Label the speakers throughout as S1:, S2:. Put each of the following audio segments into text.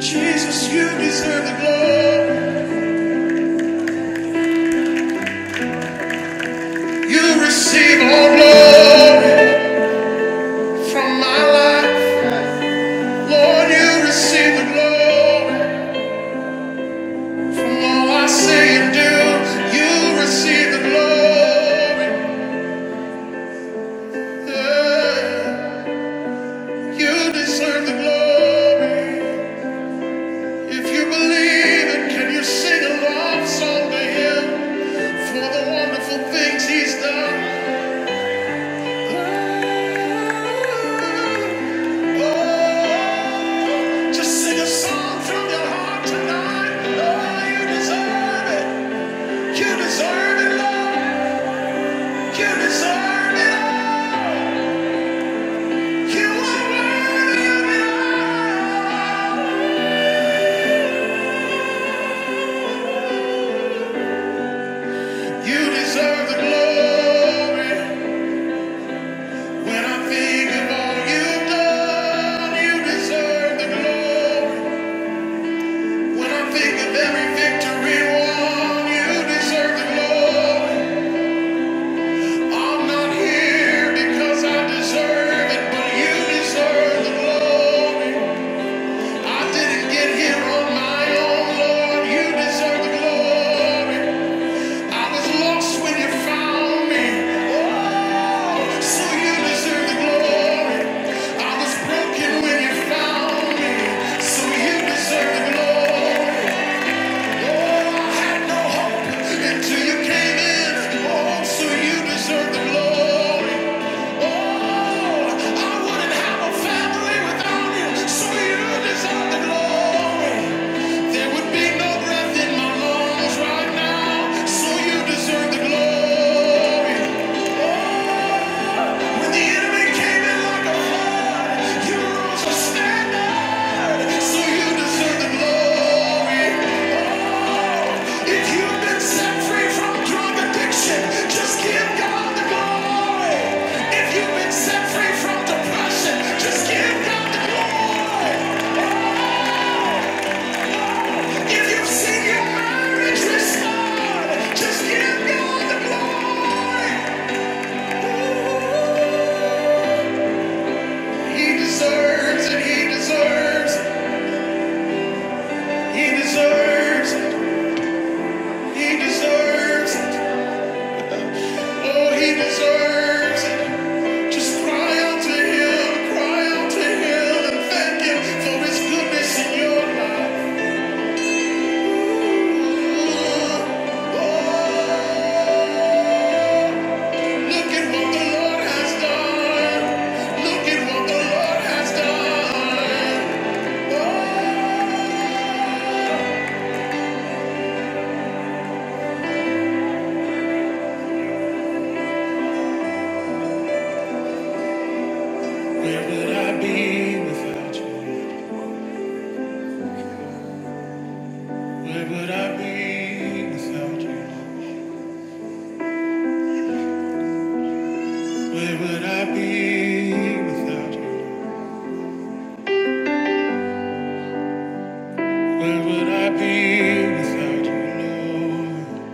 S1: Jesus, you deserve the glory. You receive all glory from my life. Lord, you receive the glory from all I say and do. You receive the glory. Yeah. You deserve the glory. If you believe it, can you sing a love song to Him for the wonderful things He's done? Just sing a song from your heart tonight. Oh, you deserve it. You deserve it, Lord. You deserve it. You are worthy of it. You deserve the glory. When I think of all you've done, you deserve the glory. When I think of every victory won, you deserve the glory. I'm not here because I deserve it, but you deserve the glory. I didn't get here on my own, Lord. You deserve the glory. I was lost when you found me. Oh, so you deserve the glory. I was broken when you found me. So you deserve the glory. Right now, so you deserve the glory. Oh, when the enemy came in like a flood, you rose a so you deserve the glory. Oh, If you've been set free from drug addiction, just give God the glory. If you've been set free from depression, just give God the glory. If you've seen your marriage restored, just give God the glory. He deserves it. He deserves it. He deserves, it. he deserves, it. oh, he deserves. it. Just cry out to him, cry out to him, and thank him for his goodness in your life. Ooh, oh, look at what the Lord has done. Look at what the Lord has done. Oh, where would I be without you? Where would I be without you? Where would I be without you? Where would I be without you, Lord?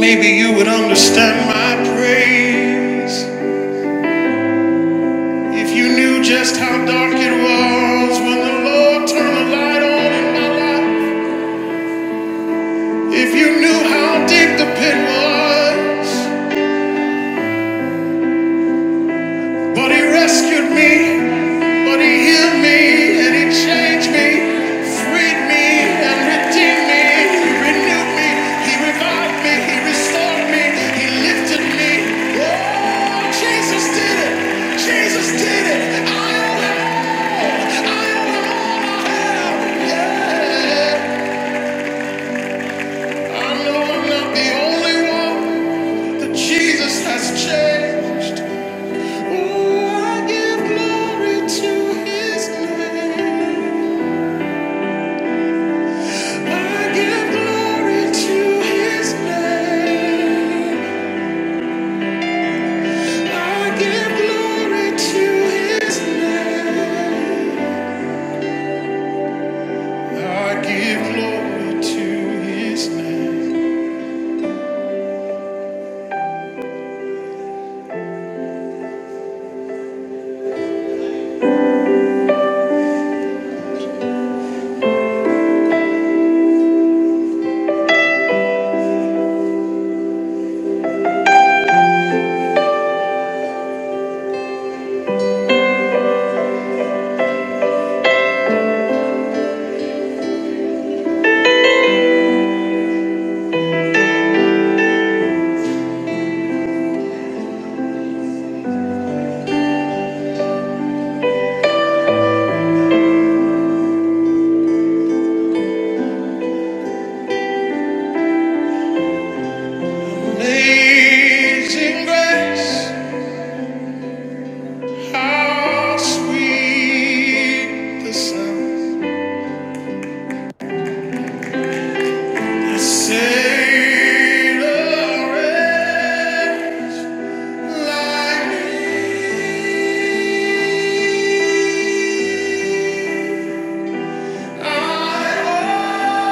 S1: Maybe you would understand my praise if you knew just how dark it was when the Lord turned the light on in my life. If you knew how deep the pit was. But he rescued me, but he healed me, and he changed me, freed me, and redeemed me. He renewed me, he revived me, he restored me, he lifted me. Oh, Jesus did it! Jesus did it! I owe him all! I owe him all I have! Yeah! I know I'm not the only one that Jesus has changed. I give glory to his name. I give glory to his name. I give glory to his name. I give glory to his name. Amazing grace, how sweet the sound that saved a wretch like Chains are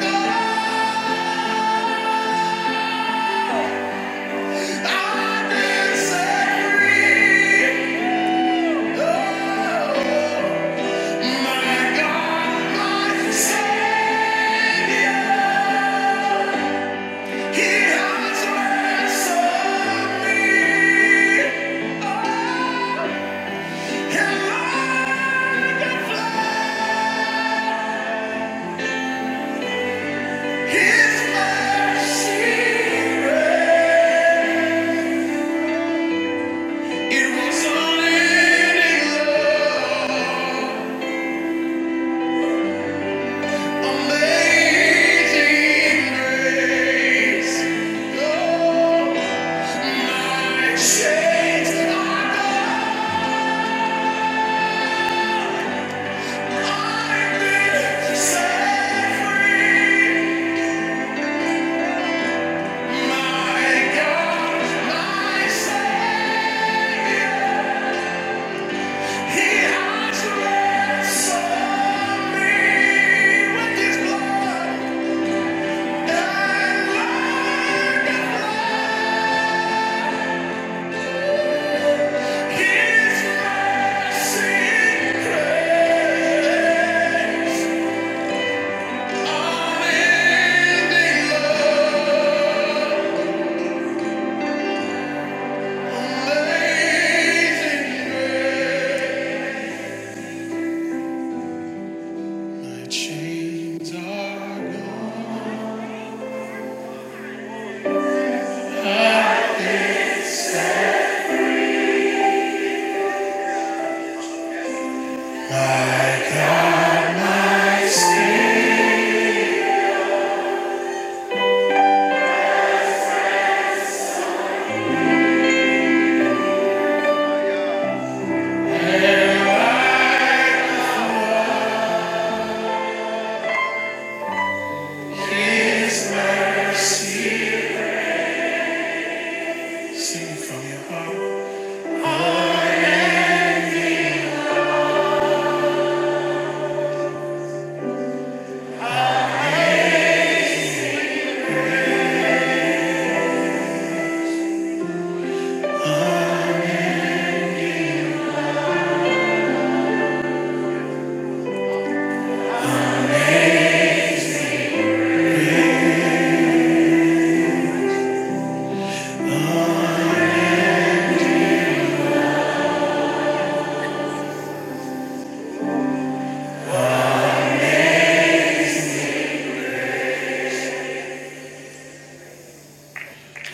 S1: gone, I've free. It was unending love. Amazing grace, oh, my chains are gone. I've been set free. My God, my Savior, He has ransomed me with His blood and like a flood.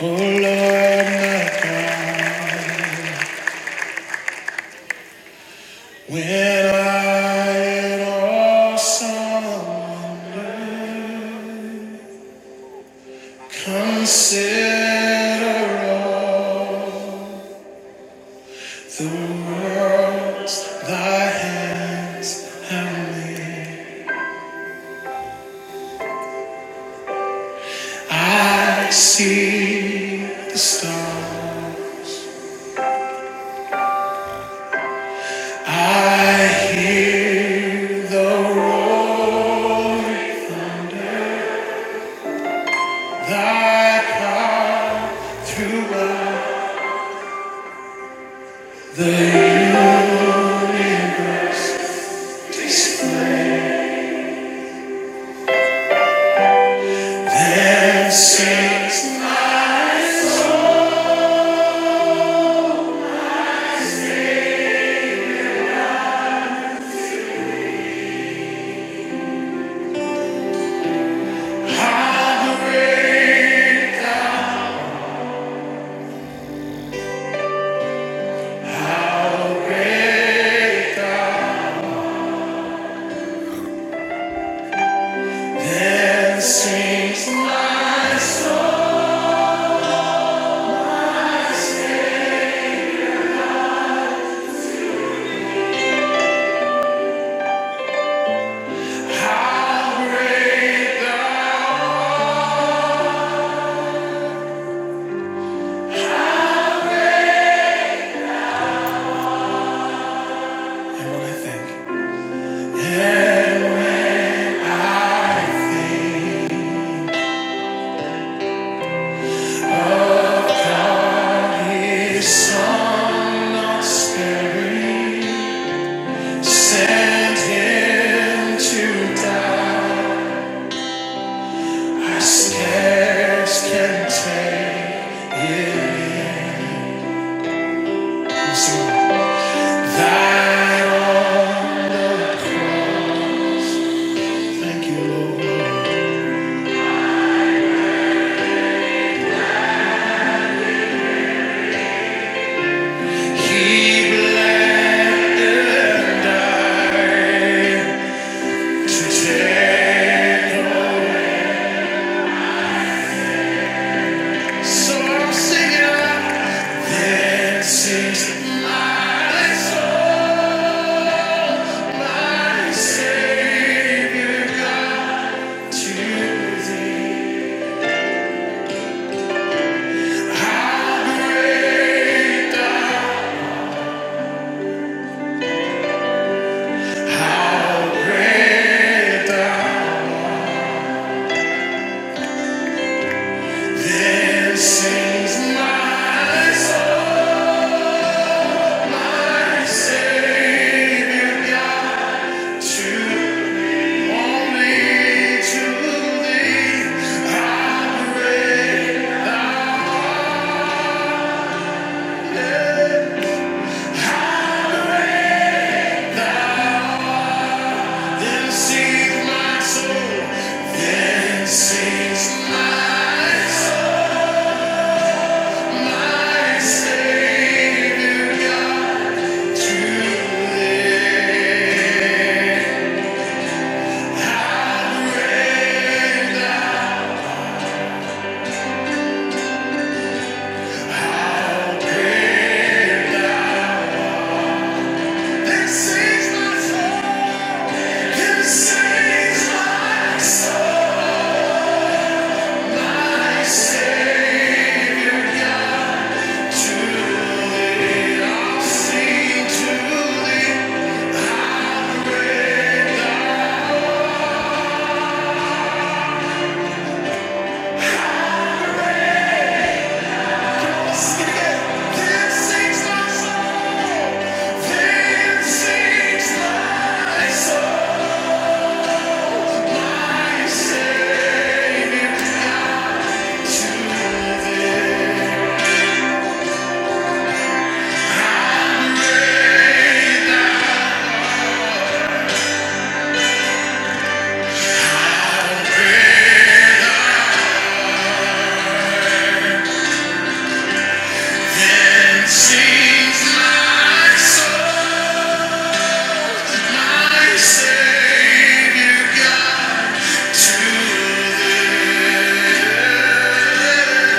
S1: Oh Lord, my God. When I in awesome wonder consider all the worlds thy hands have made, I see the stars, I hear the roaring thunder, thy power throughout the years. Then sings. How great thou, how then sings my soul. How great thou, and what I think. A song not sparing, sent him to die. I scarce can take in. Sing. Thine thank you, Lord. He bled and died today. So I'm singing this is my soul, I say how great thou, how great thou. This is my song, I say to Only to I pray. Then sings my soul. Then sings my soul. My Savior God. To I pray. Then sings my soul. Then sings my soul. My Savior. Savior God, to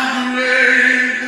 S1: Hallelujah.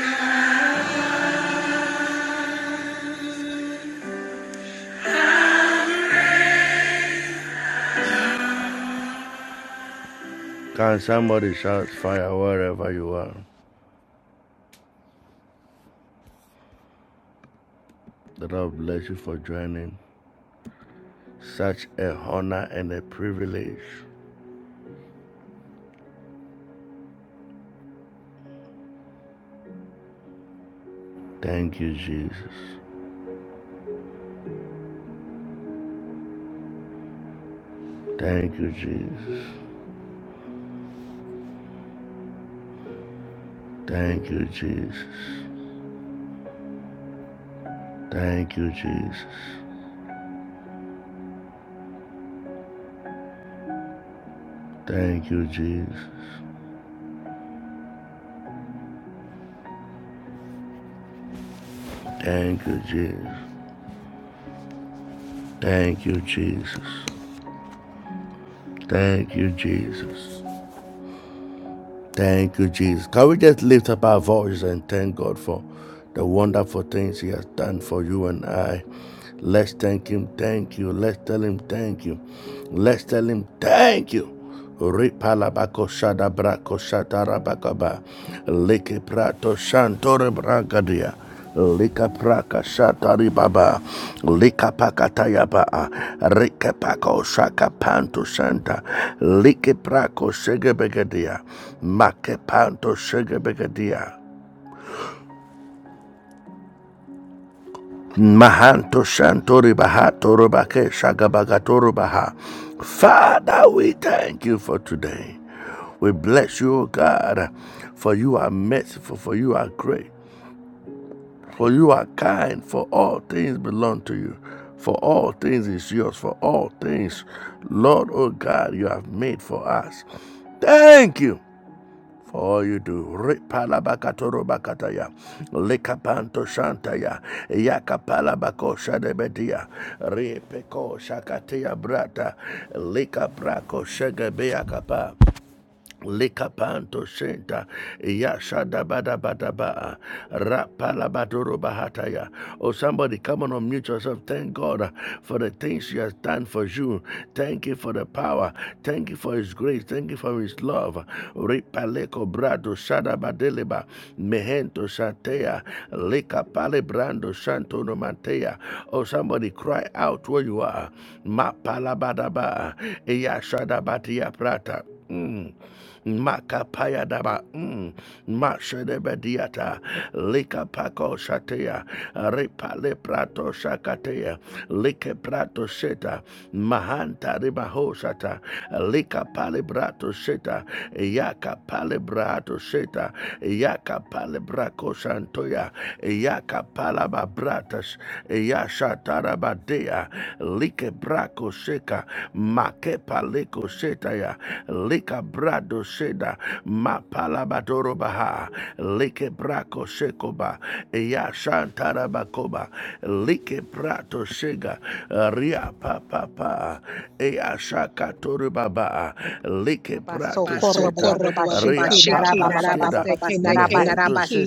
S2: Babasokoroboboboboshiki, narabababaseke, narabasiki,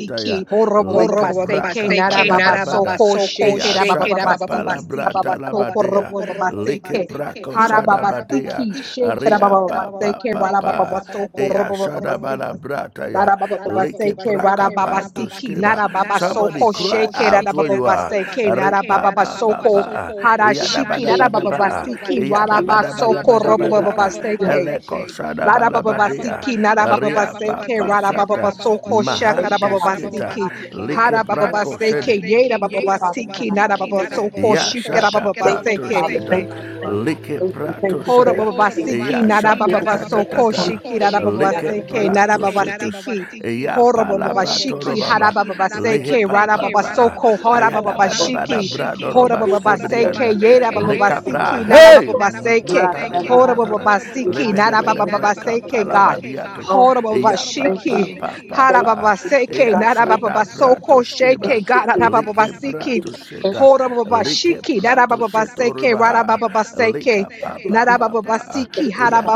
S2: horobobobobaseke, narababasoko, sheke, rabababasiki, rababasokorobobobaseke, harababasiki, sheke, rabababaseke, rarabababasokorobobobasiki, narabababaseke, rarababasiki, narababasoko, sheke, rarabababaseke, narabababasoko,
S3: Thank
S2: harashiki,
S3: you, Jesus.
S2: rarabababasiki,
S3: Thank you, Jesus. Thank you, Father God.
S2: rarabasokorobobobaseke. Lada baba basiki, nada baba baseke, rada baba basoko
S3: Thank
S2: shaka da
S3: you,
S2: baba
S3: Father
S2: basiki,
S3: God.
S2: hada baba baseke, yeda
S3: Thank
S2: baba
S3: you, Father
S2: basiki,
S3: God.
S2: nada baba soko shika da baba
S3: Thank you,
S2: baseke.
S3: Father. Thank you, Lord God. Thank you, thank you,
S2: Hora
S3: thank
S2: baba basiki nada baba baso koshiki nada baba
S3: you,
S2: baseke nada baba basiki. Hora baba bashiki hara baba baseke rada baba soko hora baba
S3: Jesus.
S2: bashiki.
S3: Oh,
S2: Hora baba
S3: Jesus, thank
S2: baseke
S3: you, Jesus.
S2: yeda baba
S3: Thank you,
S2: basiki nada
S3: Jesus.
S2: baba baseke.
S3: God, Lord,
S2: Hora baba
S3: for your name.
S2: basiki nada
S3: Thank
S2: baba
S3: you,
S2: baseke
S3: Jesus.
S2: God. Hora baba
S3: Thank you,
S2: bashiki
S3: Jesus.
S2: hara
S3: Thank
S2: baba
S3: you,
S2: baseke
S3: Father
S2: nada
S3: God.
S2: baba basoko sheke
S3: Thank you,
S2: God nada
S3: Jesus.
S2: baba basiki. Hora baba bashiki nada baba baseke rada baba baseke. Narabababasiki,
S3: Thank you, Father.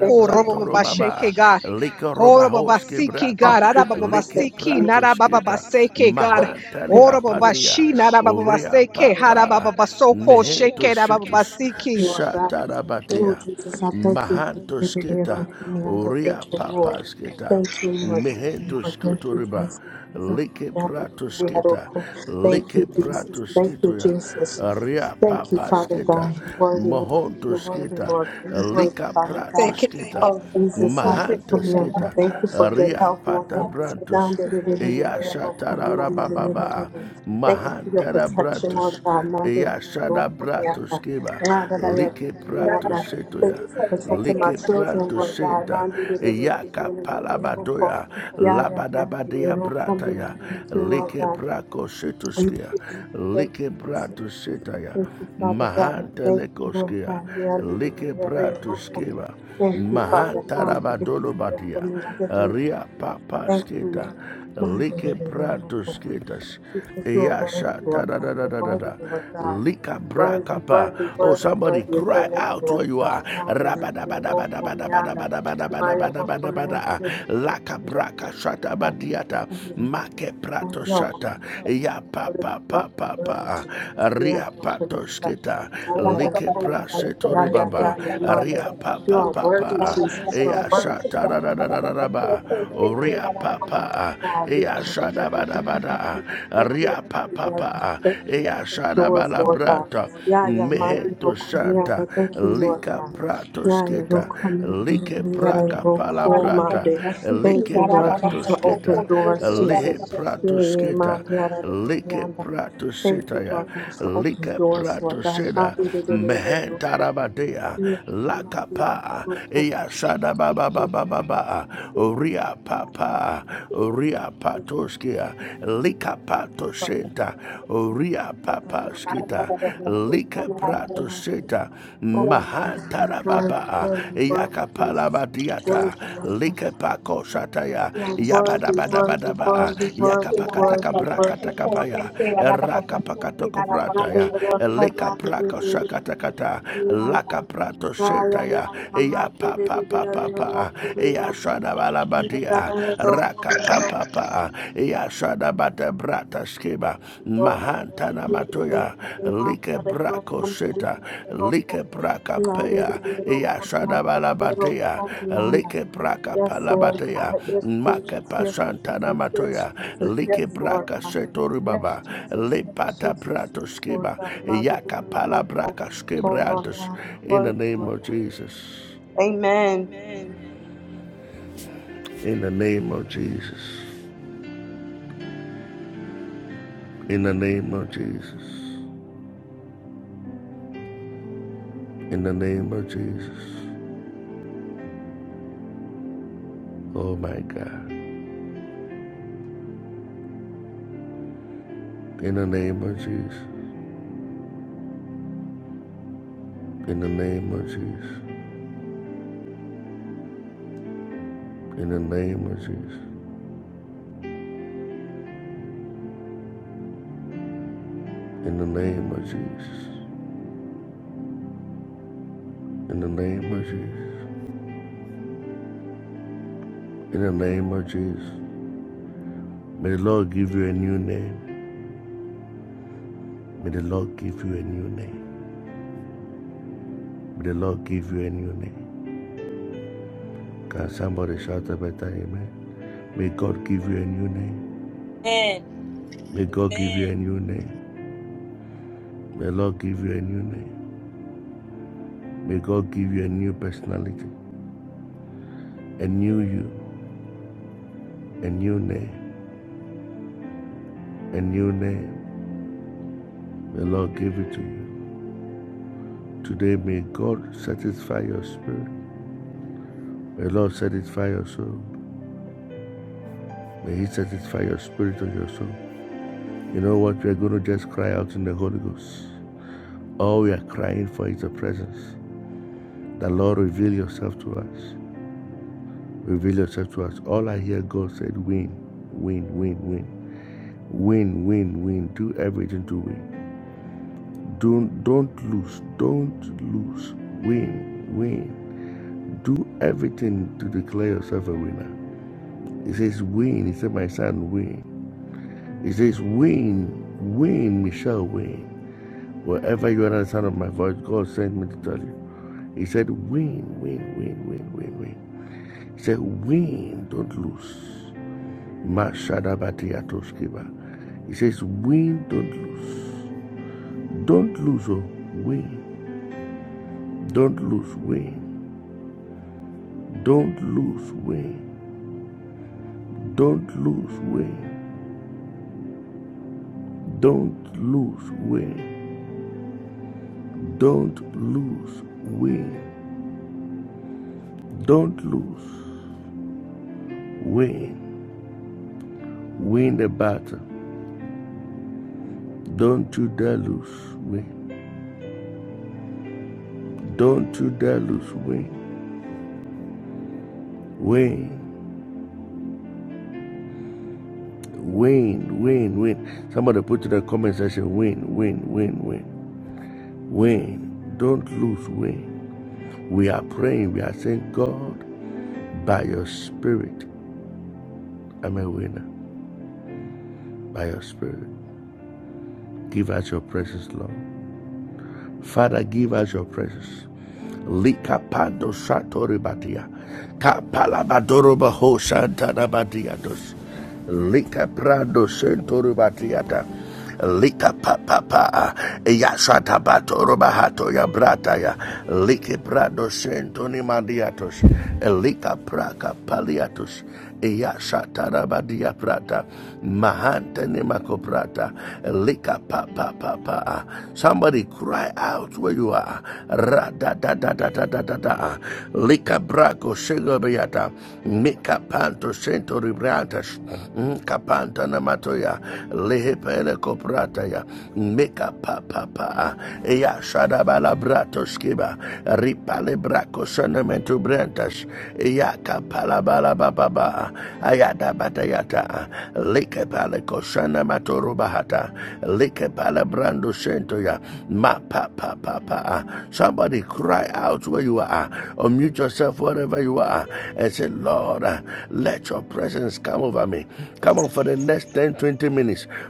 S3: Thank you, Father God.
S2: robobabasheke, God. Horobabasiki,
S3: Oh,
S2: God.
S3: Jesus, I thank
S2: Arabababasiki,
S3: you. Thank
S2: narabababaseke,
S3: you,
S2: God.
S3: Lord. I thank
S2: Orobabashi, narabababaseke,
S3: you.
S2: harabababasoko, sheke, narabababasiki.
S3: Lord God. Lord Jesus, I thank you, Lord, for you did it me. I just thank you, Lord. Thank you, Lord. Thank you, Lord. Thank you, Jesus. Thank you, Lord. Thank you, Jesus. Thank you, Jesus. Thank you, Father God. You're worthy, Lord. You're worthy, Lord. You're worthy, Father God.
S2: Seke,
S3: Oh, Jesus,
S2: narabababasoko,
S3: I will
S2: sheke,
S3: come here. Thank you for good
S2: narabababasiki.
S3: health, Lord God. Now, da- da- da- da- da- da- I come here. Da- da- da- da- da- da. Thank you for your protection, Lord God. Now, da- da- da- da- come here. Da- now that I am come here. Da. Thank you for protecting my
S2: Narabababaseke,
S3: children, Lord God. Now, da- da- da- da- da- da- da- da- da- will come- Yeah, yeah, now, da- da- da- will come here. Da. Thank you, Lord God. Thank you. Thank you. Jesus. Thank you, Father God. Thank you, Lord God. We are under the very mercy. Thank you, Father. Mind the very mercy for me. Under the- very- Thank you, Lord. Mind the very mercy. Thank you for your worthy, Lord God. You're worthy, Lord God. Worthy, worthy, worthy, worthy is your name, Lord God. Mind the very mercy We are Under the very mercy for me. the very mercy Oh, no, worthy, Lord God, you're worthy, worthy, worthy, Jesus. You are
S2: Oh,
S3: worthy, You are worthy, Jesus. You are worthy, Lord God. Manda, Lord God. Oh, Lord God, you are the living God. Lord God. Thank you for open doors, Lord God. Yeah, yeah, my dear, oh, come here. I Thank you, Lord God. Yeah, yeah, oh, come here. Yeah, yeah, oh, come, here. Oh, oh, call my dear. Thank you, Lord God, for open doors, Jesus. Yeah, yeah, my dear, oh, come here. Thank you, Lord God, for open doors, Lord God. My dear, oh, come here. Oh, oh, Yeah, yeah, my dear, oh, come Thank you, Jesus. Thank you, Lord God. Thank you. Father. Lord, God, my brother. Father, we are all worthy, worthy, worthy, Jesus. Worthy, Lord. You are worthy, worthy, worthy, worthy, worthy, worthy, worthy, worthy. You are the Lord of heaven, and the Lord of the earth. Ya, ya, ya, mama, you are the Lord of the earth. You are the Lord of the earth. Yes, Lord God. Yes, Jesus. Yes, Jesus. Yes, Jesus. Yes, Lord God. Yes, Jesus. Yes, Jesus. Yes, Lord God. Oh, Lord God. Lord God. Amen.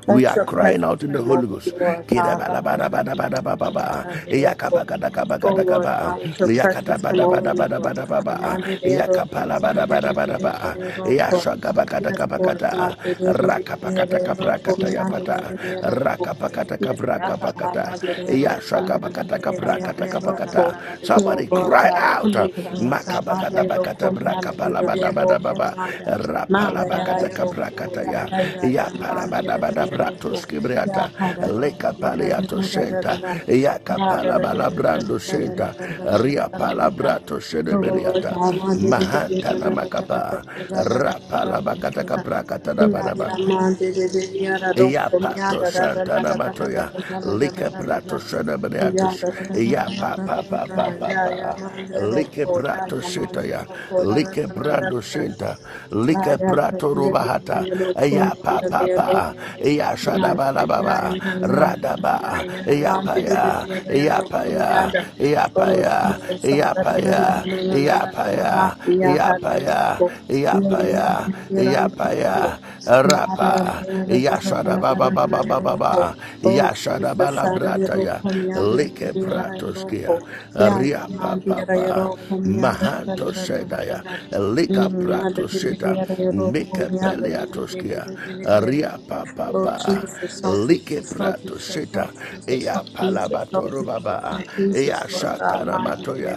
S3: Let your presence come over me, Lord God, like the rain comes over the miracle. Oh Lord God, let your presence come over me, Lord God. Nande de ro ko, nande de de de de ro ko. Yes, Lord God, de de de de de de ro ko, nande de de de ro ko. Yes, Lord God, I
S4: Ekakapenda
S3: did
S4: da
S3: it all for you, I did it, I did it all for you, oh Lord God, come over me, Lord God, my dear, oh, for me, I did it, all to you, I did it all for my God. My God, I did it all for you, yeah, yeah, yeah, yeah, my dear, I did it all for you. Yeah, ha, da, da, da, da, da, da, da, da, da, da. Yeah, da, da, da, da, da, da, da, da, da, da, da, da, da, da, da. Oh, Lord God, my dear, I did it, I did it, I did it, I did it, I did it, I did it, I did it, I did it, I did it. Yeah, yeah, yeah, yeah, yeah, yeah, yeah, yeah. Mom, did it again. I don't come down the- Oh, Jesus, ah, da, da, da, da, da, da, da, da, da, da. Yeah, da, da, da, da. Yeah, yeah, yeah, yeah, da, da, da, da. Nah, da, da, da, da, da, da, da, da, da, da, da, da, da, da, da. Oh, Jesus, ah, da, da, da, come down, da, da, da, da, da, da, da. Yeah, yeah, Mom, did it again. Oh, come down, da, da, da, da, da, da, da, da. Mm, ah, da, da, da, da, da, da, da, da. Come down, da, da, da, da, da, da, da, da, da. Oh Jesus, oh Jesus, oh Jesus, oh Jesus, oh Jesus, oh Jesus, oh Jesus, Lord God, my little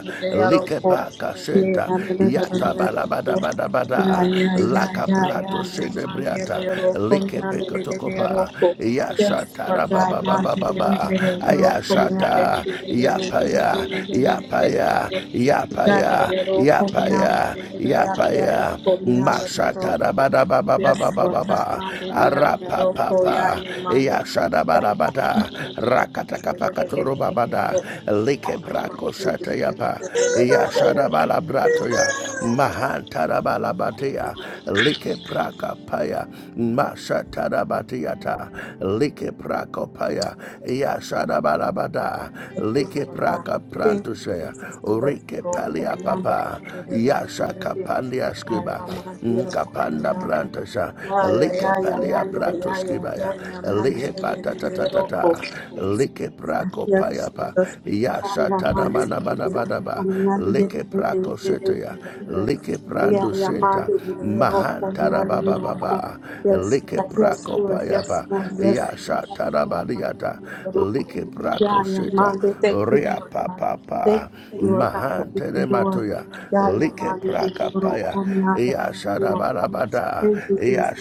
S3: yeah, na na na na na na na. Yeah, yeah, yeah, yeah, yeah, yeah, man, yeah, yeah, roko, yeah, yeah, yeah, yeah, yeah, roko. Yes, Lord God, man, yeah, yeah, yeah, yeah, yeah, roko, yeah, yeah, yeah, yeah, yeah, yeah, yeah, yeah, yeah, yeah, yeah, yeah, yeah, yeah. Yeah, yeah, yeah, roko, yeah, yeah, yeah, yeah, yeah, yeah, roko, yeah, yeah, yeah, roko. Yes, Lord, Tamande, the Roko, Yayamande, Thank you, Lord God. Thank you, Jesus, Sunday, Roko, Yanda, Yayamande, Roko, Yanda. Yeah, yeah, yeah, yeah, yeah, yeah, yeah, yeah, yeah, Yamande, Roko. Yes, Jesus. Yes, Lord, yes, Lord, yes, Lord, yes, Lord. Yeah, yeah, Monday. Thank you, Lord God. Thank you, Lord God, for open doors. Yeah, yeah, Monday. Thank you, Lord God. Thank you, Jesus.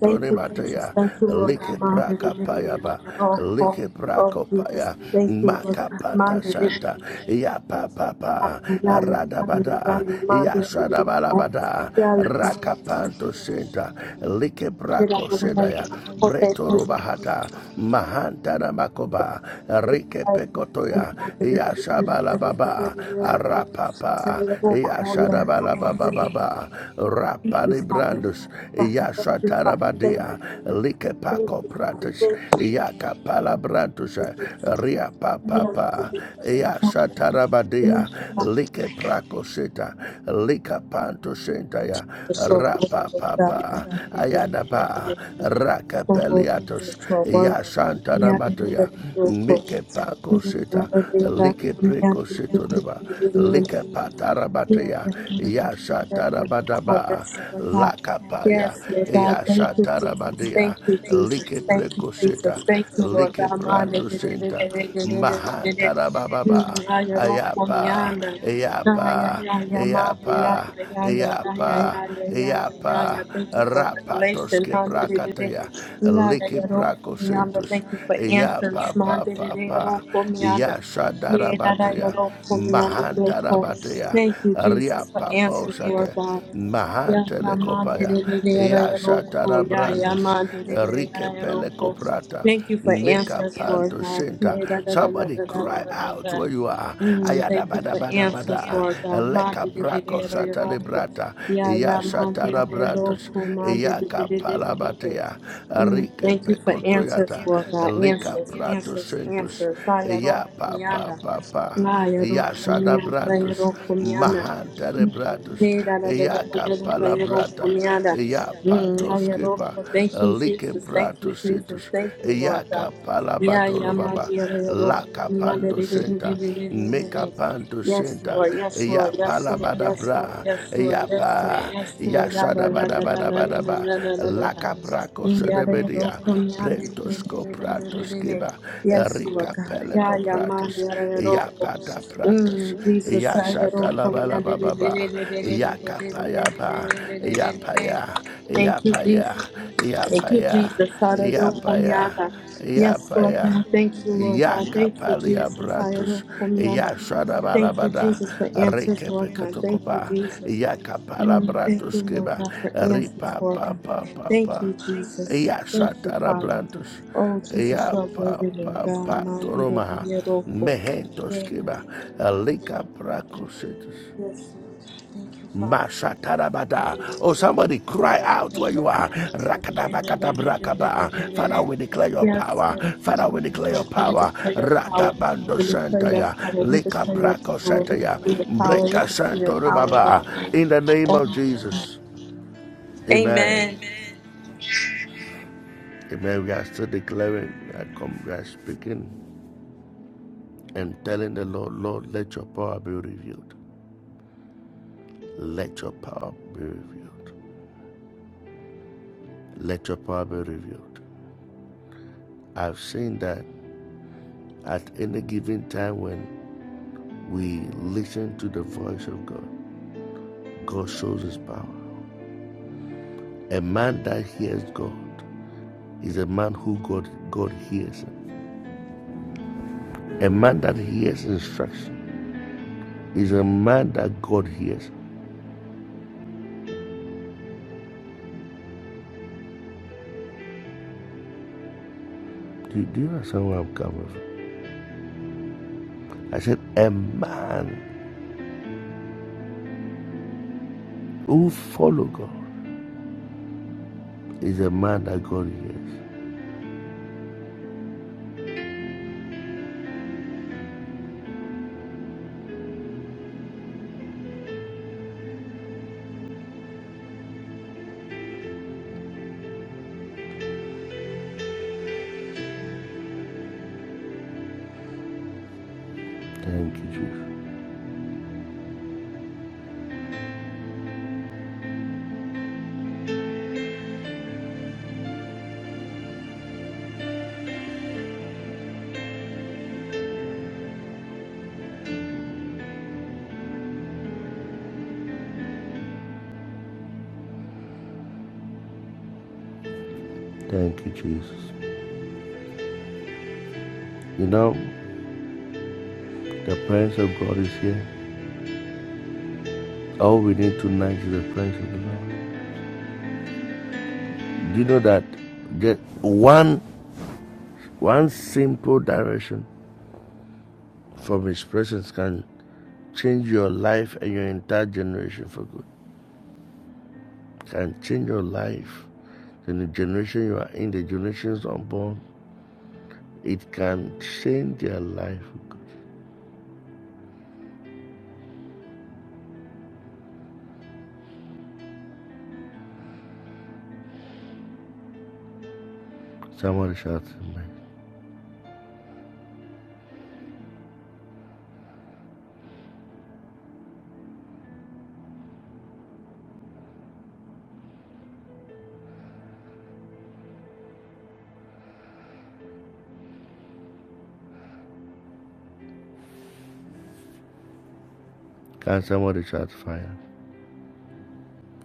S3: Thank you, Jesus. Thank you, Lord God. Man, they did it again. And I'm all cool. Oh, Jesus. Thank you, Lord God. Man, they did it again. Yeah, yeah, yeah, yeah, yeah, yeah, yeah. Man, they did it again. Yeah, yeah, did it. Here I am. Here I am. Here Oh, thank you, didn't get out of all. Yalla, mind that you didn't get out of all. Yalla, yalla, yalla, yalla. Oh, Thank you. Oh, did it again. Yeah, yeah, yeah, yeah, yeah, yeah. Yeah, yeah, yeah, yeah, yeah, yeah. Thank you, Father. Father, thank you, Father. Thank you, Father. Thank you, Father. Thank you, Father. You are the living God and I love you. Thank you, Father. The soul of the God. and I love you, and I love you, and I love you. Oh, Jesus, you are worthy. You are the living God. You are the living God. You are the living God. Yes, Lord God. Yes, Lord God. Thank you, Jesus. Thank you, Jesus. Thank you, Jesus. Thank you, Lord God. Mm, ay, aroko, mi anda. Ay, ay, ay, ay, mami, ay, ay, ay, ay, ay, ay, ay, ay, ay, ay, ay. ay. Thank you for revelation. Mande, de, de, de. Lada, aroko, mi anda. Thank you for answers. Mande, de, de, aroko, mi anda. Yeah, that I am on for me, I need that call. Thank you, Jesus, for answers, Lord God. Yeah, yeah, man, de, de, de, it, I am on call. Yeah, yeah, man, de, de, de, it, I am on call. Thank you for answers, Lord God. Yeah, da, da, da, da, da, da, da, da, da, da. Mm, thank you for answers, Lord God. Man, de, de, de, it, I am on call. Yeah, yeah, man, de, it, I am on call. Man, de, de, de, de, de, de, de. Mm, Thank you for answers, Lord God. Answers, answers, answers. Fire, Lord, come yonder. Fire, Lord, come yonder. Fire, Lord, come yonder. Mira, da, da, da, da, da, da, da, you know, for me, and, uh, mm, I, you know, so Thank you, Jesus. Thank you, Jesus. Thank you, Lord God. Yeah, yeah, my dear, you know, for me, and, da, da, da, da, da, da, da, da, da. Yes, Lord. Yes, Lord. Yes, Lord. Yes, Lord. Yes, Lord. Yes, Lord. Yes, Lord. Da, da, da, da, da, da, da, da, da, da, da, da. Yeah, they don't come yam. Yes, Lord God. Yeah, yeah, man. yeah, Mm, Jesus, I had all come out of it. Thank you, Jesus. Thank you, Jesus. I had all come out Yes, Lord God. Thank you, Lord God. Thank you, Jesus. I had all come out Thank you, Jesus, for answers, Lord God. Thank you, Jesus. Mm, Thank you, Lord God, for answers, Lord God. Thank you, Jesus. Thank you, Father. Oh, Jesus, you are worthy, Lord God. my did dear be here, local. Yeah, yeah, yeah, yeah, yeah. Yes, Lord God. Thank you, Father. Yes, Lord God. We declare your power. We declare your power. We declare your power. We declare your power. We declare your power, Lord God. Oh, Amen.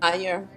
S3: Fire.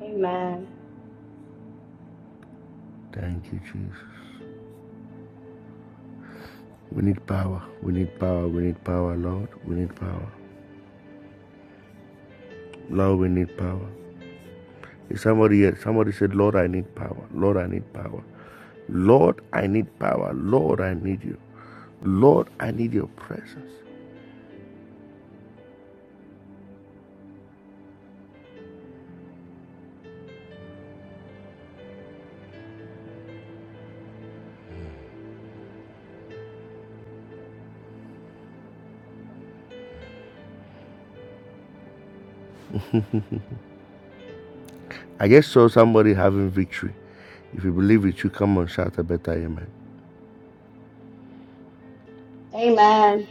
S5: Amen. Amen.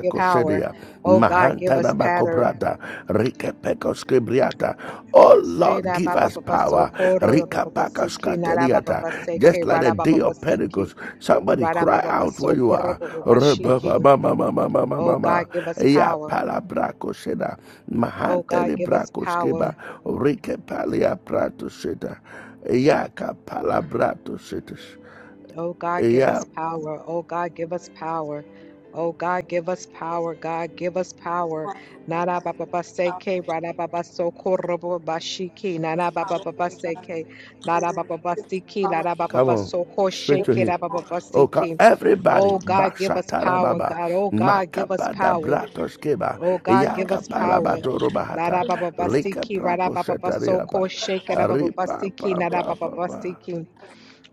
S2: give power. Oh God, give us power, Seda ba ba ba ba so koro ba nara ba ba ba seke rara ba ba ba siki rara so Oh God, give us power. Oh God, give us power. Oh God, give us power. Oh God, give us power. Oh God, give us power. God, give us power. Nara baba baseke, rara baba sokorobo bashiki, nara baba baseke, nara baba basiki, nara baba basoko sheke, nara baba basiki. Oh God, give us power, God. Oh God, give us power. Oh God, give us power. Nara baba basiki, rara baba basoko sheke, nara baba basiki, nara baba basiki.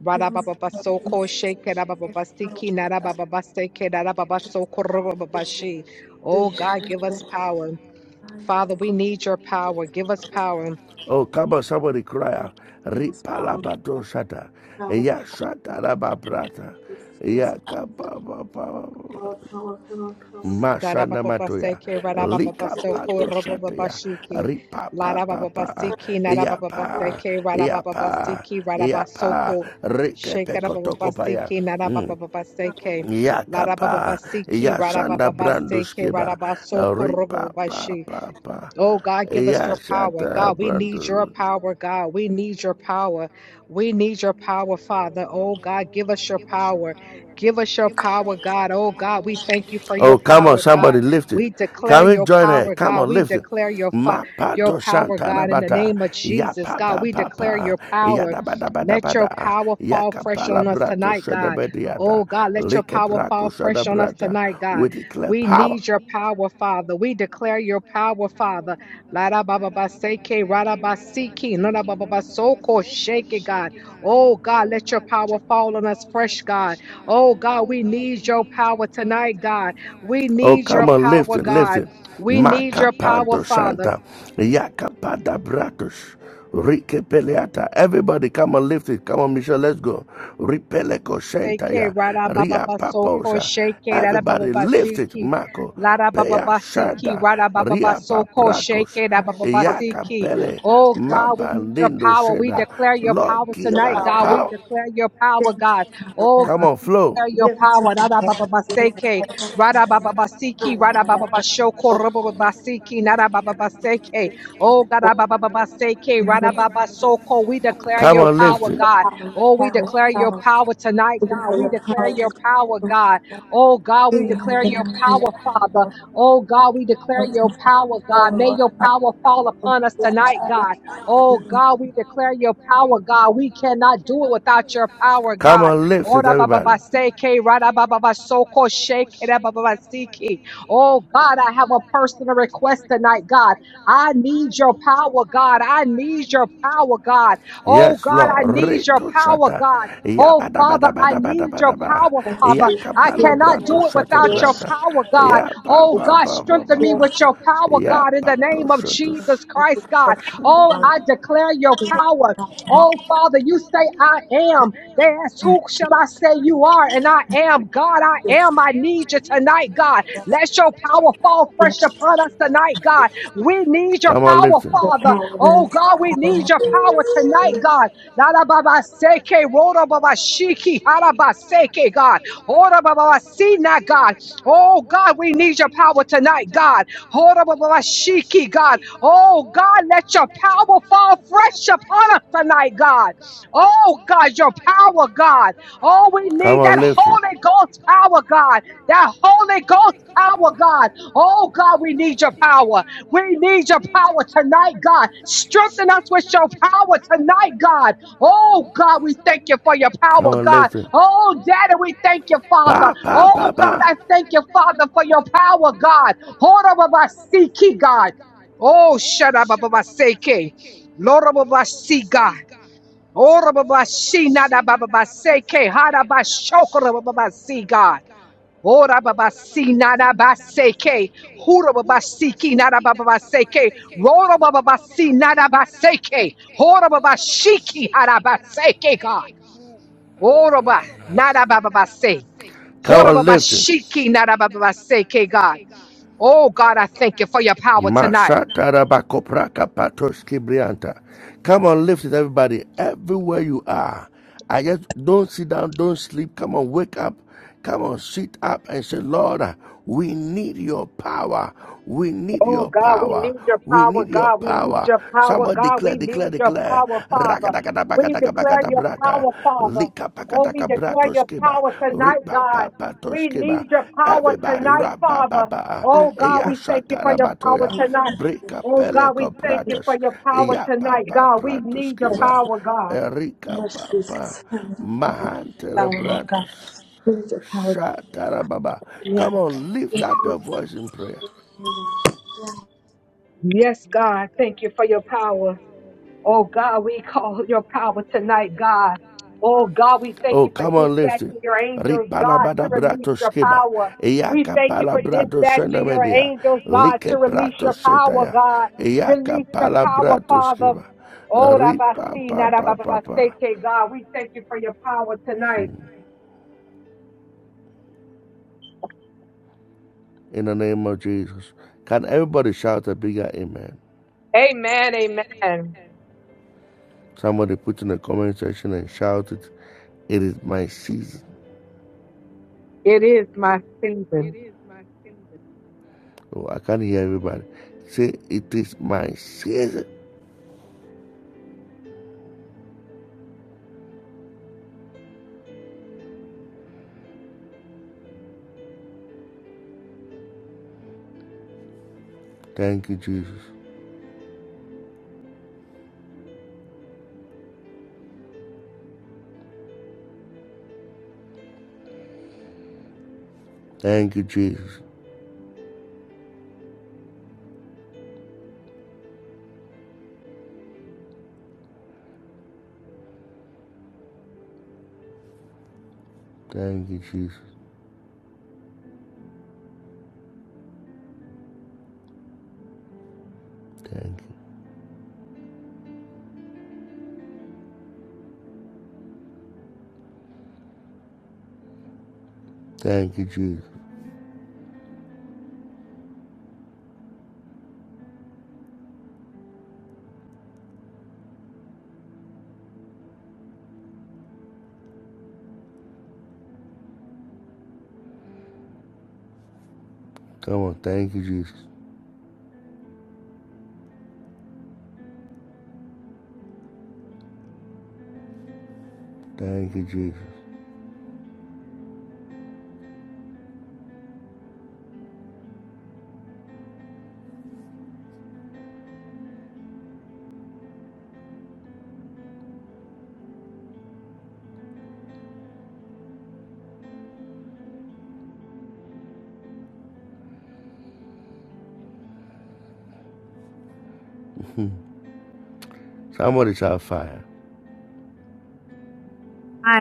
S2: Rabababasoko shekerabababasiki narabababaseke narababasoko rabababashi. Oh God, give us power. Father, we need your power. Give us power. Darabababaseke rabababasoko rabababashiki. Larabababasiki narabababaseke rabababasiki rababasoko shekerabababasiki narabababaseke. Larabababasiki rabababaseke rababasoko rabababashi. Oh God, give us your power. God, we need your power. God, we need your power. We need your power, Father. Oh God, give us your power. Give us your power, God. Oh God, we thank you for your power, God. We declare your power, God. We declare your fi- your power, God, in the name of Jesus, God. We declare your power. Let your power fall fresh on us tonight, God. Oh God, let your power fall fresh on us tonight, God. We need your power, Father. We declare your power, Father. Lada baba baseke, rada basiki, nada baba basoko, shake it, God. Oh, God, let your power fall on us fresh, God. Oh, God, we need your power tonight, God. We need your power, God. We need your power, Father. Seke rada baba basoko sheke rada baba basiki. Lada baba basiki rada baba basoko sheke rada baba basiki. Oh God, we need your power. We declare your power tonight, God. We declare your power, God. Oh declare your
S3: Yes,
S2: power.
S3: Lord
S2: Radabababaseke, radabababasiki, radabababashoko, rabababasiki, nadabababaseke. Oh, God, gadabababaseke, radababasoko. we declare your power, God. Oh, we declare your power tonight, God. We declare your power, God. Oh, God, we declare your power, Father. Oh, God, we declare your power, God. May your power fall upon us tonight, God. Oh, God, we declare your power, God. We cannot do it without your power, God. Ora baba baseke, rada baba basoko shake, rada baba basiki. Oh God, I have a personal request tonight, God. I need your power, God. I need your power, God. Oh God, I need your power, God. Oh Father, I need your power, Father. I cannot do it without your power, God. Oh God, strengthen me with your power, God, in the name of Jesus Christ, God. Oh, I declare your power. Oh Father, you say I am. They asked, Who shall I say you are? And I am God. I am. I need you tonight, God. Let your power fall
S3: Jesus,
S2: fresh upon us tonight, God. We need your power, Father. Oh, God, we need your power tonight, God. Narababaseke, rorobabashiki, harabaseke, God. Orababasina, God. Oh, God, we need your power tonight, God. Horababashiki, God. Oh, God, let your power fall fresh upon us tonight, God. Oh, God, your power, God. Oh, we need that Holy Ghost power, God. That Holy Ghost power, God. Oh, God, we need your power. We need your power tonight, God. Strengthen us with your power tonight, God. Oh, God, we thank you for your power, God. Oh, Daddy, we thank you, Father. Oh, God, I thank you, Father, for your power, God. Hold up of us, God. Oh, shut up, King. Lord of us, God. Ora baba shi na da baba ba se ke ha da baba ba si God. Ora baba si na da ba se ke hura baba si ki na da baba ba se ke rora baba ba si na da ba se ke hora baba shi ki ha da ba se ke God. Ora Baba na da baba ba hora baba shi ki na da baba ba ke God. Oh God, I thank you for your power tonight. Oh God, we need your power, God. We need your power, God. We need your power, Father. We declare your power, Father. Oh, we declare your power tonight, God. We need your power tonight, Father. Oh God, we thank you for your power tonight. Oh God, we thank you for your power tonight, God. We need your power, God.
S3: power, Lord God. Bring your power to the end.
S2: Yes, God. Thank you for your power. Oh God, we call your power tonight, God. Oh God, we thank you for dispatching your angels, God, to release your power. We thank you for dispatching your angels, God, to release your power, God. Release your power, Father. Oh, Rabasi, Narababaseke, God, we thank you for your power tonight. It-
S6: Hi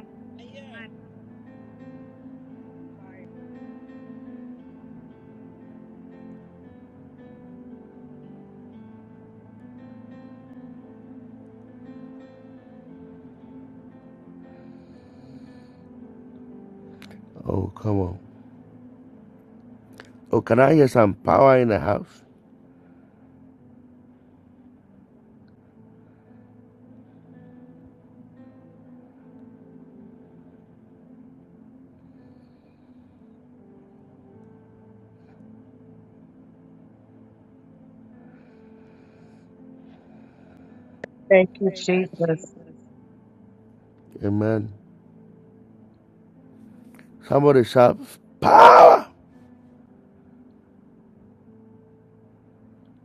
S2: Thank you, Jesus.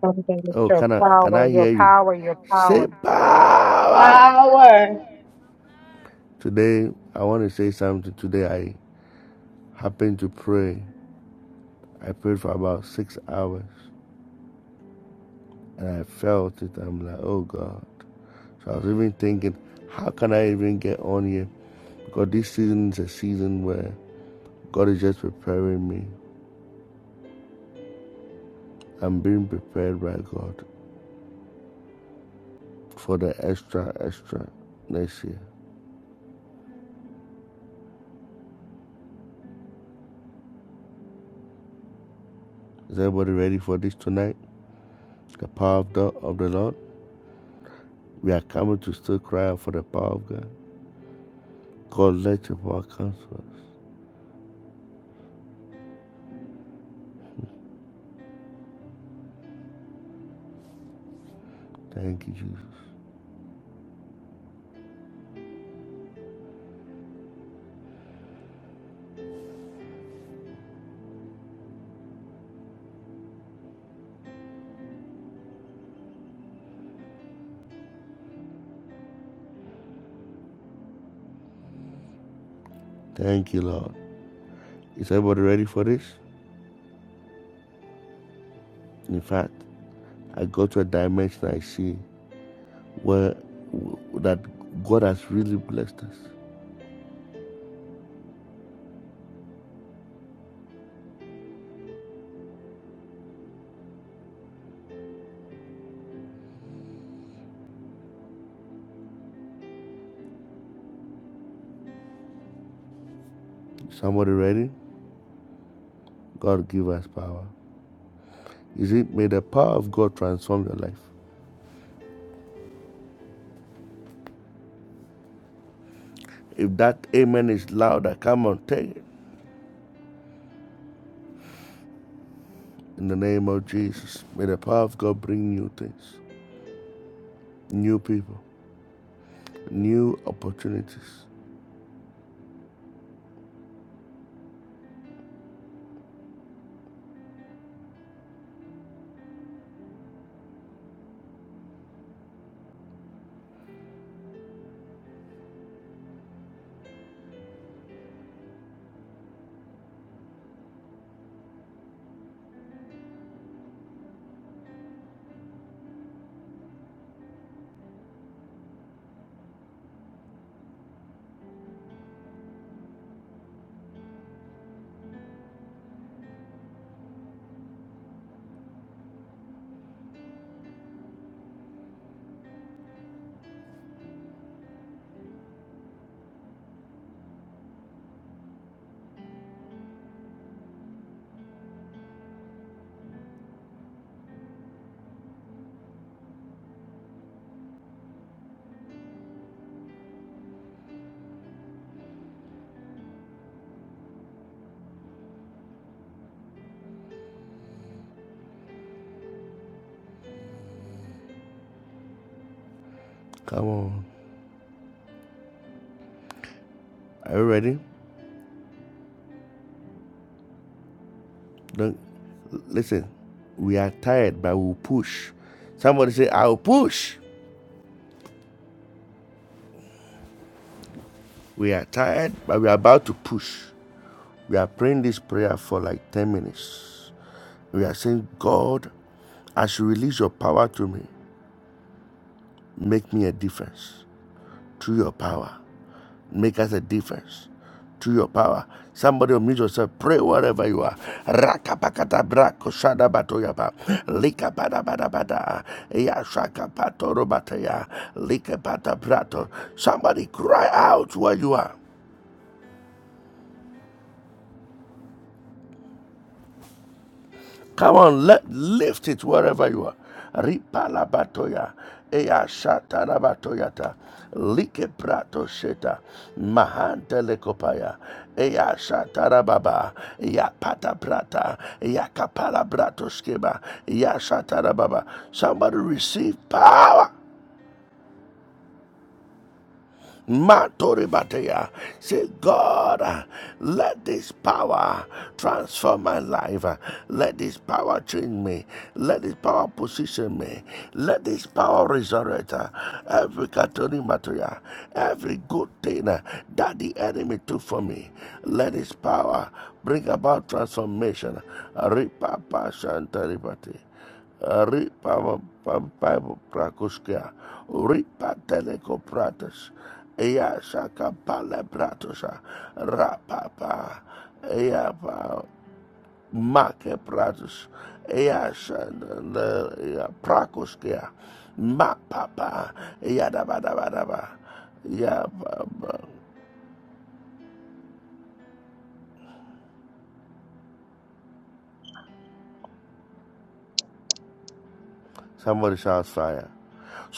S2: Father, with your power, your power, your power.
S5: Power.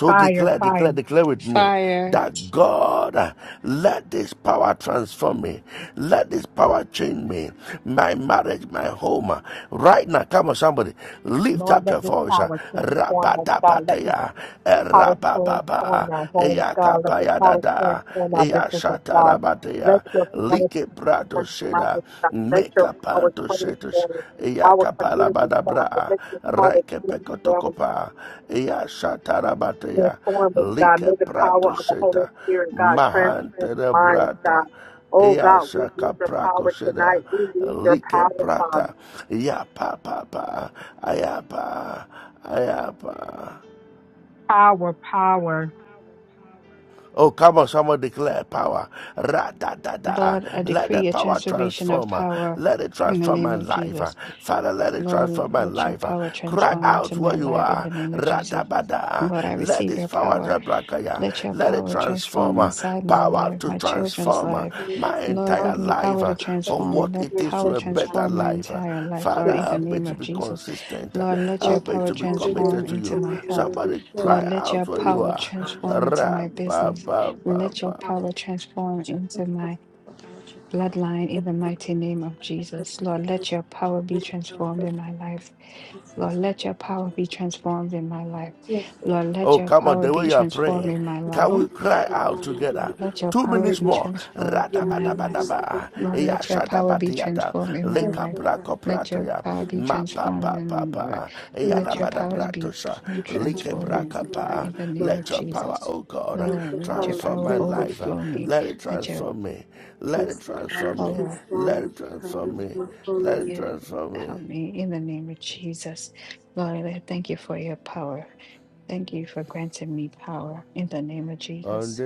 S2: Fire, fire.
S7: Fire,
S2: Lord, let this power transform us, God. Let this power transform our homes, God. Let the power transform our businesses, God. Let your power transform our God. Let your power transform our communities, God. But let your power transform, transform us, God. May the power of the Holy Spirit, God, transform minds, God. Oh, God, we need your power tonight. We need your power, Father.
S7: Lord, I decree a transformation of power in the name of Jesus. Lord, let your power transform into my life in the name of Jesus. Lord, I receive your power. Let your power transform inside my life, my children's life.
S3: Jesus,
S7: Lord,
S3: I
S7: give me
S3: can I have
S7: power to
S3: the suffering
S7: transform. Let
S3: experience
S7: power
S3: of my life.
S7: transform my entire life, Lord,
S3: Yes,
S7: in the name of Jesus. Lord,
S3: yes,
S7: let your
S3: Lord, I
S7: power
S3: have it in my mother,
S7: transform
S3: they are
S7: into my
S3: home, I have
S7: health.
S3: it in
S7: Lord, let your power
S3: Jesus, I have
S7: transform
S3: it
S7: into my
S3: in
S7: business.
S3: my
S7: Let your
S3: power,
S7: power transform
S3: my
S7: into
S3: power,
S7: my
S3: my power,
S7: bloodline in the mighty name of Jesus. Lord, let your power be
S3: my
S7: transformed in my life.
S3: power.
S7: Lord, let your power be transformed in my life.
S3: Yes, Lord,
S7: Lord, let your power be
S3: I have
S7: transformed
S3: it in
S7: in my
S3: my
S7: life.
S3: home, I have it in my
S7: Lord, let your power be
S3: home.
S7: transformed
S3: Yeah, I have it in my home. Yes, Lord, I
S7: in
S3: have
S7: my life.
S3: it in my
S7: Lord,
S3: home.
S7: let your power be transformed in my life. Let your power be transformed in me, Lord. Let your powers be
S3: It's a constant,
S7: transformed
S3: it's a
S7: in me, Lord, in
S3: constant,
S7: the
S3: it's a
S7: name of
S3: constant.
S7: Jesus. Lord,
S3: Muchos
S7: let your power
S3: fabricantes han
S7: overflow me.
S3: elogiado
S7: Let your
S3: los trabajos que
S7: power
S3: se han realizado con el
S7: Yeah, help me in the name of Jesus. Lord, I thank you for your power. Thank you for granting me power in the name of Jesus.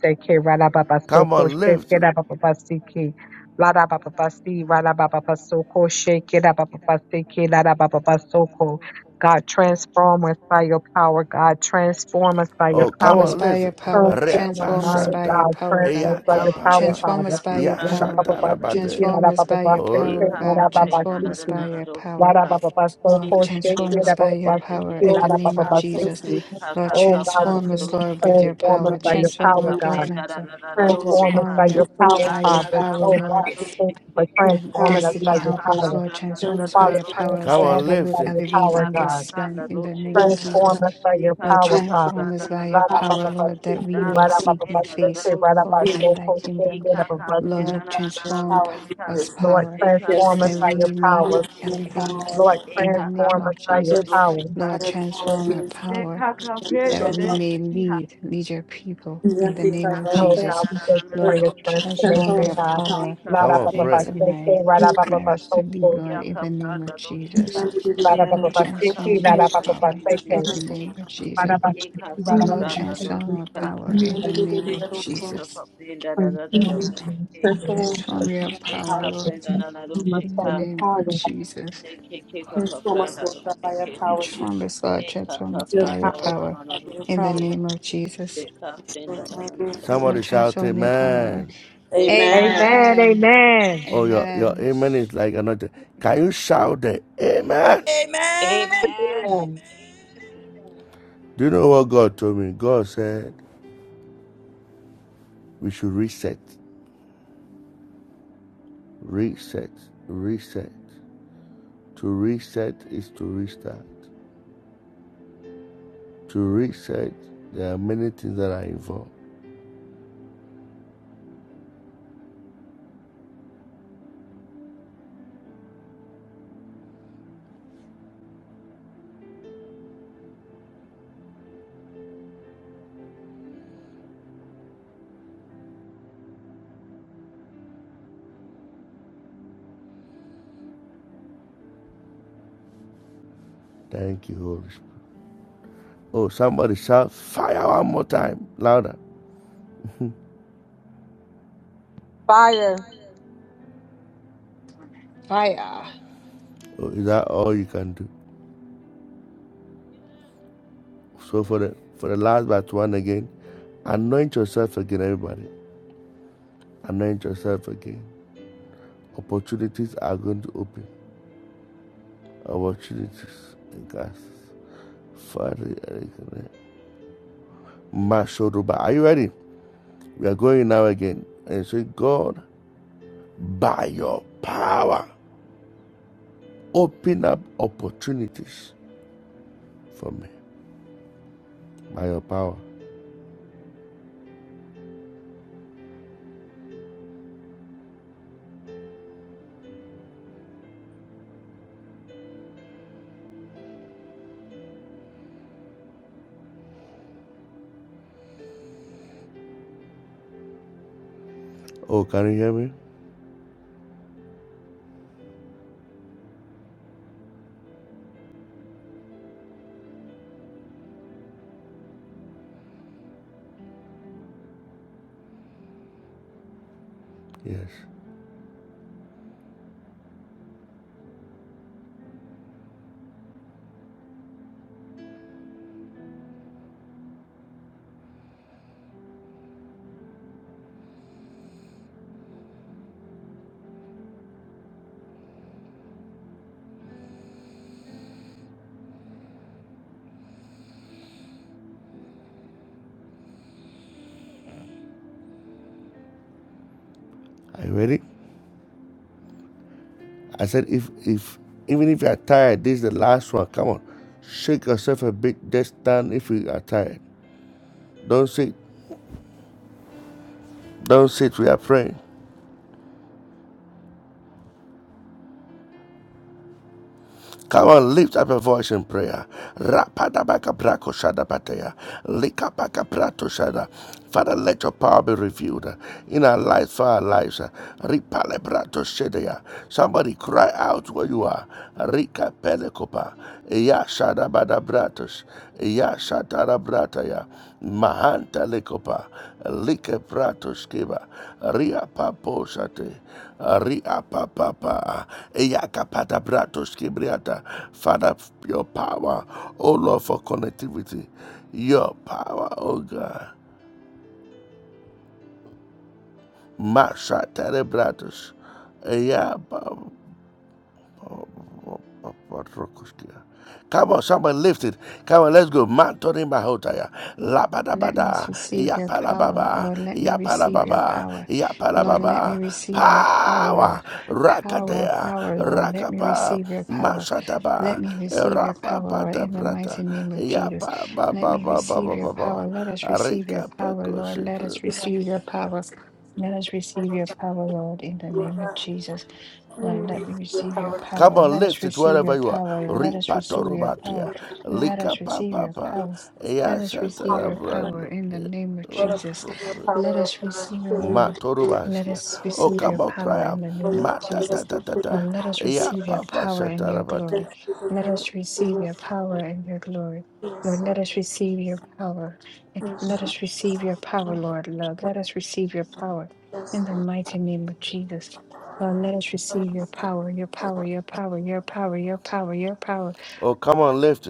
S2: seke rada baba soko sheke da baba basiki. Lada baba basi rada baba basoko sheke da baba basiki lada baba God transform us by your power. God transform us by your
S7: Transform us
S2: power.
S7: by your power.
S2: Transform our
S7: Transform us
S2: minds,
S7: by your
S2: God.
S7: power,
S2: Transform us
S7: God.
S2: by your power,
S7: Transform
S2: Father.
S7: us by your
S2: Lada
S7: power.
S2: baba basiki
S7: Transform
S2: lada
S7: us
S2: baba
S7: by your
S2: basiki
S7: power,
S2: lada
S7: God.
S2: baba
S7: Transform us by
S2: basiki.
S7: your power.
S2: Lada baba
S7: Lord,
S2: basoko
S7: transform
S2: sheke
S7: us
S2: da
S7: by
S2: baba
S7: your power
S2: basiki
S7: in the
S2: lada
S7: name
S2: baba
S7: of Jesus.
S2: basiki.
S7: Lord,
S2: Oh God, we
S7: transform
S2: need
S7: us,
S2: to
S7: Lord, with your
S2: transform us
S7: power.
S2: by your
S7: Transform
S2: power,
S7: our
S2: God.
S7: bloodlines, Lord.
S4: da da da
S3: trabajo
S2: Transform us
S7: Transform
S2: by
S3: de
S4: roshika.
S7: your
S2: your
S3: los
S2: power,
S7: by your
S3: fabricantes
S2: Father.
S7: power,
S2: Oh
S7: Lord.
S2: God,
S4: Akakapenda
S2: we thank you for
S4: roshika.
S7: and
S3: han
S2: transforming us
S7: destiny
S2: by
S4: Eka
S2: your
S7: help us,
S4: kaka
S2: power.
S7: Lord,
S4: pranda da
S7: transform
S4: da
S7: us
S4: da
S7: by
S4: da
S2: Father,
S7: your
S3: elogiado
S4: ro
S7: powers
S4: shike.
S2: transform
S7: that
S2: us
S7: we will
S2: by your
S7: elevate
S2: power,
S4: Eka
S7: in
S4: kaka
S2: God.
S7: this realm
S4: pranda
S7: in
S4: ro
S7: the name
S3: los
S7: of
S4: shikika.
S2: Transform
S7: Jesus.
S2: us by your
S4: Eka
S7: Lord,
S2: power,
S4: kaka
S2: Father.
S7: transform us
S4: pranda da
S7: by
S4: na
S7: your
S4: na
S2: Rada
S4: na
S7: power,
S2: Baba
S4: na.
S7: Lord, that
S4: Da
S7: we
S2: Basisi,
S7: may
S2: Rada
S4: kaka
S7: seek
S2: Baba
S7: thee
S4: pranda da da
S7: face,
S2: Basisi,
S4: ro
S2: Rada Baba
S7: Lord,
S4: shike.
S7: and thy
S2: Soko, Soko,
S7: kingdom.
S2: Rada
S4: Eka
S2: Baba
S4: kaka
S2: Basisi.
S4: pranda
S7: Lord,
S4: na na na na
S7: transform
S4: ro
S7: p-
S3: trabajos
S4: shika.
S7: us
S2: Lord,
S7: power
S3: que
S4: Eka
S3: se han
S2: transform us
S3: realizado
S7: that
S4: pranda
S2: by
S4: da da
S2: your
S4: da
S7: we
S4: da
S3: con
S7: may
S4: da
S3: el
S2: power.
S3: trabajo de
S4: shikika.
S7: elevate
S2: Lord,
S7: in the
S4: Eka
S7: name
S2: transform
S4: kaka
S2: us
S7: of
S2: by your
S4: pranda
S7: Jesus.
S3: los
S4: ro
S2: power.
S4: shika.
S7: Lord, transform our
S3: fabricantes
S4: Eka
S7: power
S4: kaka
S3: han
S4: pranda
S7: that
S4: da
S7: we may
S4: shikika.
S7: lead, lead your people in the name
S4: Eka
S7: of
S4: kaka
S2: Oh
S7: Jesus.
S2: God,
S4: pranda
S2: we
S4: da na
S2: thank you
S4: na na
S2: for
S7: Lord,
S2: your
S4: ro shike.
S7: transform
S2: transformation,
S7: your
S2: God.
S7: power
S4: Eka kaka
S2: Rada Baba
S4: pranda
S7: into
S4: da da da
S7: my
S2: Basisi, Rada Baba
S4: shikika.
S7: marriage to be
S2: Basoko,
S7: Lord, in
S4: Eka
S7: the name of
S4: pranda ro
S7: Jesus.
S4: shika.
S2: Rada Baba
S7: Lord,
S4: Shake
S2: Basisi,
S7: transform
S2: Rada
S7: this
S2: Baba
S7: power in
S2: Baseke.
S7: the name of Jesus.
S2: Amen.
S7: Lord, transform our power in the
S3: elogiado
S7: name of
S3: los trabajos
S7: Jesus.
S3: Personal us by
S7: Transform your
S3: your power.
S7: power, Lord, in the name of Jesus.
S3: Transform us, Lord God, by your power,
S7: Transform
S3: Jesus.
S7: us, Lord, transform us
S3: Your
S7: by
S3: power,
S7: your power
S3: your
S7: in the
S3: power, your power.
S7: name of Jesus. Lord, transform your power
S4: Amen.
S3: Amen.
S7: Amen.
S2: Amen.
S7: Amen.
S3: Amen.
S7: Amen.
S2: Amen. Fire.
S7: Fire. Let me receive your power, Lord. Let me receive your power, Lord. Let me receive your power, power, power, Lord. Let me receive your power. Let me receive your power, Lord, in the mighty name of Jesus. Let me receive your power. Let us receive your power, Lord. Let us receive your power. Let us receive your power, Lord, in the name of Jesus. Lord, let me receive your power. Let us receive your power. Let us receive your power. Let us receive your power. Let us receive
S3: Power.
S7: your power in the name of
S3: Let us
S7: Jesus.
S3: see your
S7: Let
S3: power, O
S7: us
S3: God.
S7: receive your
S3: Hallelujah.
S7: Lord. Let us
S3: Hallelujah.
S7: receive your power in the name of Jesus.
S3: Hallelujah.
S7: Lord, let us receive your power and your
S3: Thank
S7: glory.
S3: you
S7: Let
S3: for the
S7: us receive your power and your glory. Lord,
S3: goodness of
S7: let us receive your power.
S3: Jesus.
S7: Let us receive your power, Lord. Lord, let us receive your power
S3: Yes,
S7: in the
S3: Lord.
S7: mighty name of Jesus. Lord, let us receive your power, your power, your power, your power, your power, your power.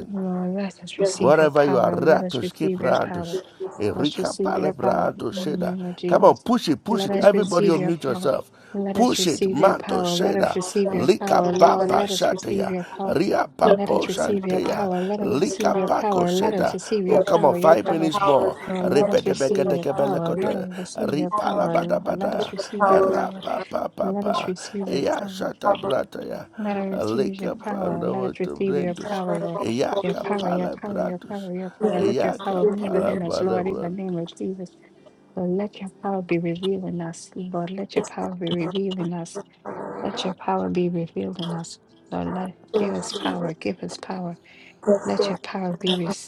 S7: Lord, let us
S3: Your
S7: receive
S3: power,
S7: your power. Let us receive your power. Let us receive your power in the name of Jesus. Let us receive your power. Let us receive your power. Let us receive
S3: God.
S7: your power. Lord, let us receive your power.
S3: Your
S7: Let
S3: power,
S7: us receive
S3: Lord
S7: your
S3: God.
S7: power. Let us
S3: Your
S7: receive your power. Let us receive your
S3: Let us
S7: power.
S3: see
S7: Your
S3: your
S7: power.
S3: power,
S7: Lord,
S3: Jesus. Let
S7: let
S3: us
S7: us
S3: see
S7: receive
S3: your
S7: your
S3: power,
S7: power.
S3: Jesus.
S7: Let us receive your
S3: power
S7: power. Lord, let
S3: of
S7: us
S3: the
S7: receive your
S3: power of
S7: power.
S3: our
S7: Let us
S3: own
S7: receive your power.
S3: power of
S7: Let us receive your power. Let us receive your power, Lord. Your power, your power, your power, your
S3: the
S7: power.
S3: Lord,
S7: Let your power move within us, Lord, in the name of Jesus. Lord, let your power be revealed in us. Lord, let your power be revealed in us. Let your power be revealed in us. Lord, let give us power. Give us power. Let
S3: the
S7: your power be revealed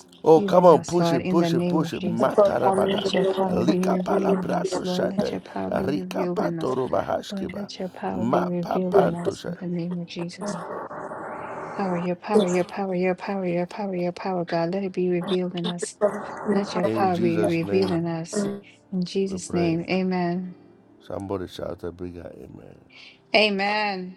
S7: in us, Lord, in the name of
S3: Savior,
S7: Jesus.
S3: for our
S7: Let your
S3: misery.
S7: power be revealed in us, Lord. Let your power be revealed in us. Lord, let your power be revealed in us in the name of Jesus. Power, your power, your power, your power, your power, your power, God. Let it be revealed in us. Let your power be revealed in us. In Jesus' name, amen. Amen.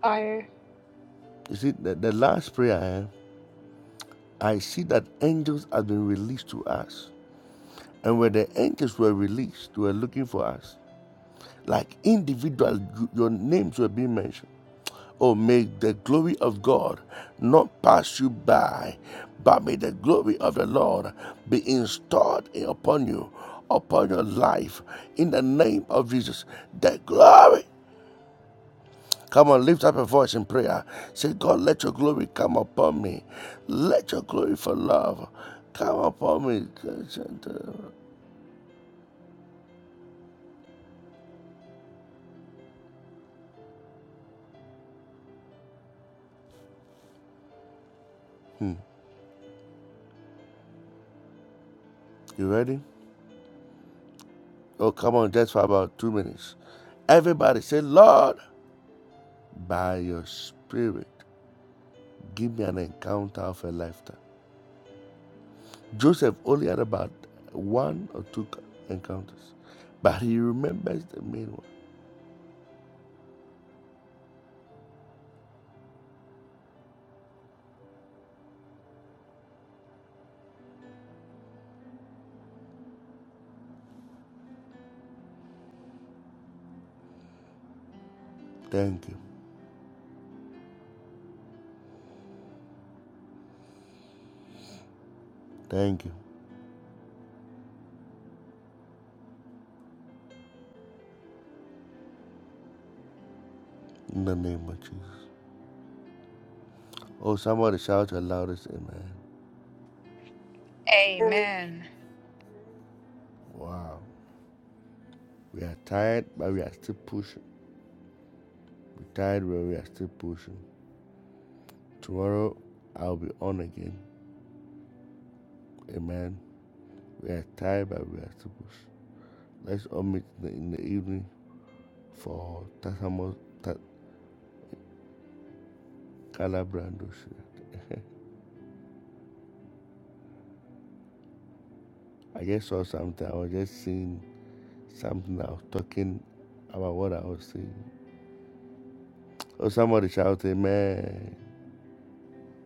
S7: Fire. Amen.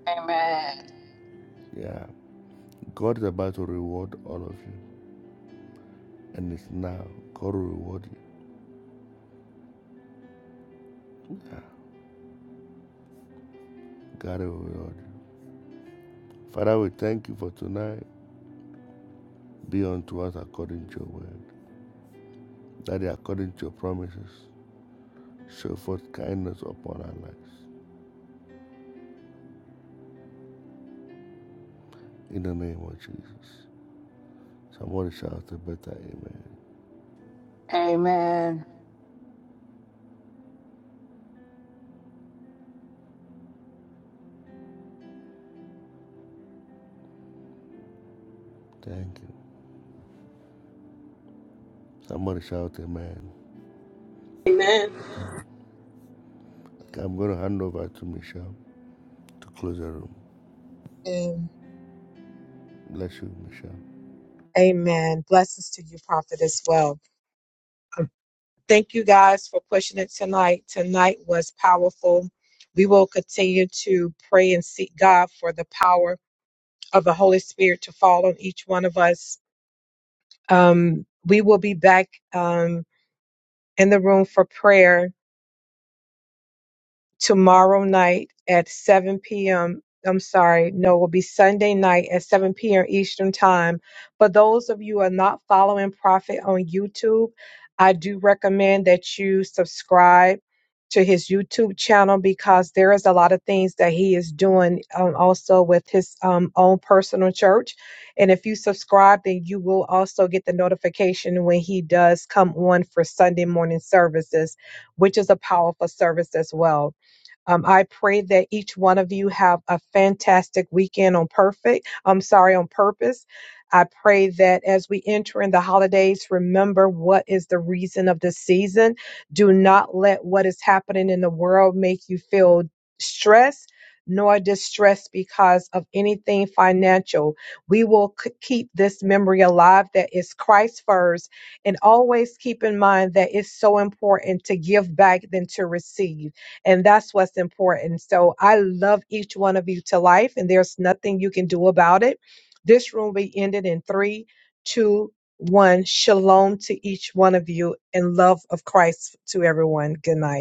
S7: Amen. Amen.
S3: Amen.
S2: And amen. Blessings to you, prophet, as well. Thank you guys for pushing it tonight. Tonight was powerful. We will continue to pray and seek God for the power of the Holy Spirit to fall on each one of us. Um, we will be back um, in the room for prayer tomorrow night at 7 p.m. I'm sorry, no, it will be Sunday night at 7 p.m. Eastern Time. For those of you who are not following Prophet on YouTube, I do recommend that you subscribe to his YouTube channel because there is a lot of things that he is doing um, also with his um, own personal church. And if you subscribe, then you will also get the notification when he does come on for Sunday morning services, which is a powerful service as well. Um, I pray that each one of you have a fantastic weekend on perfect. I'm sorry, on purpose. I pray that as we enter in the holidays, remember what is the reason of the season. Do not let what is happening in the world make you feel stressed nor distressed because of anything financial. We will c- keep this memory alive that is Christ first and always keep in mind that it's so important to give back than to receive. And that's what's important. So I love each one of you to life, and there's nothing you can do about it. This room will be ended in three, two, one. Shalom to each one of you and love of Christ to everyone. Good night.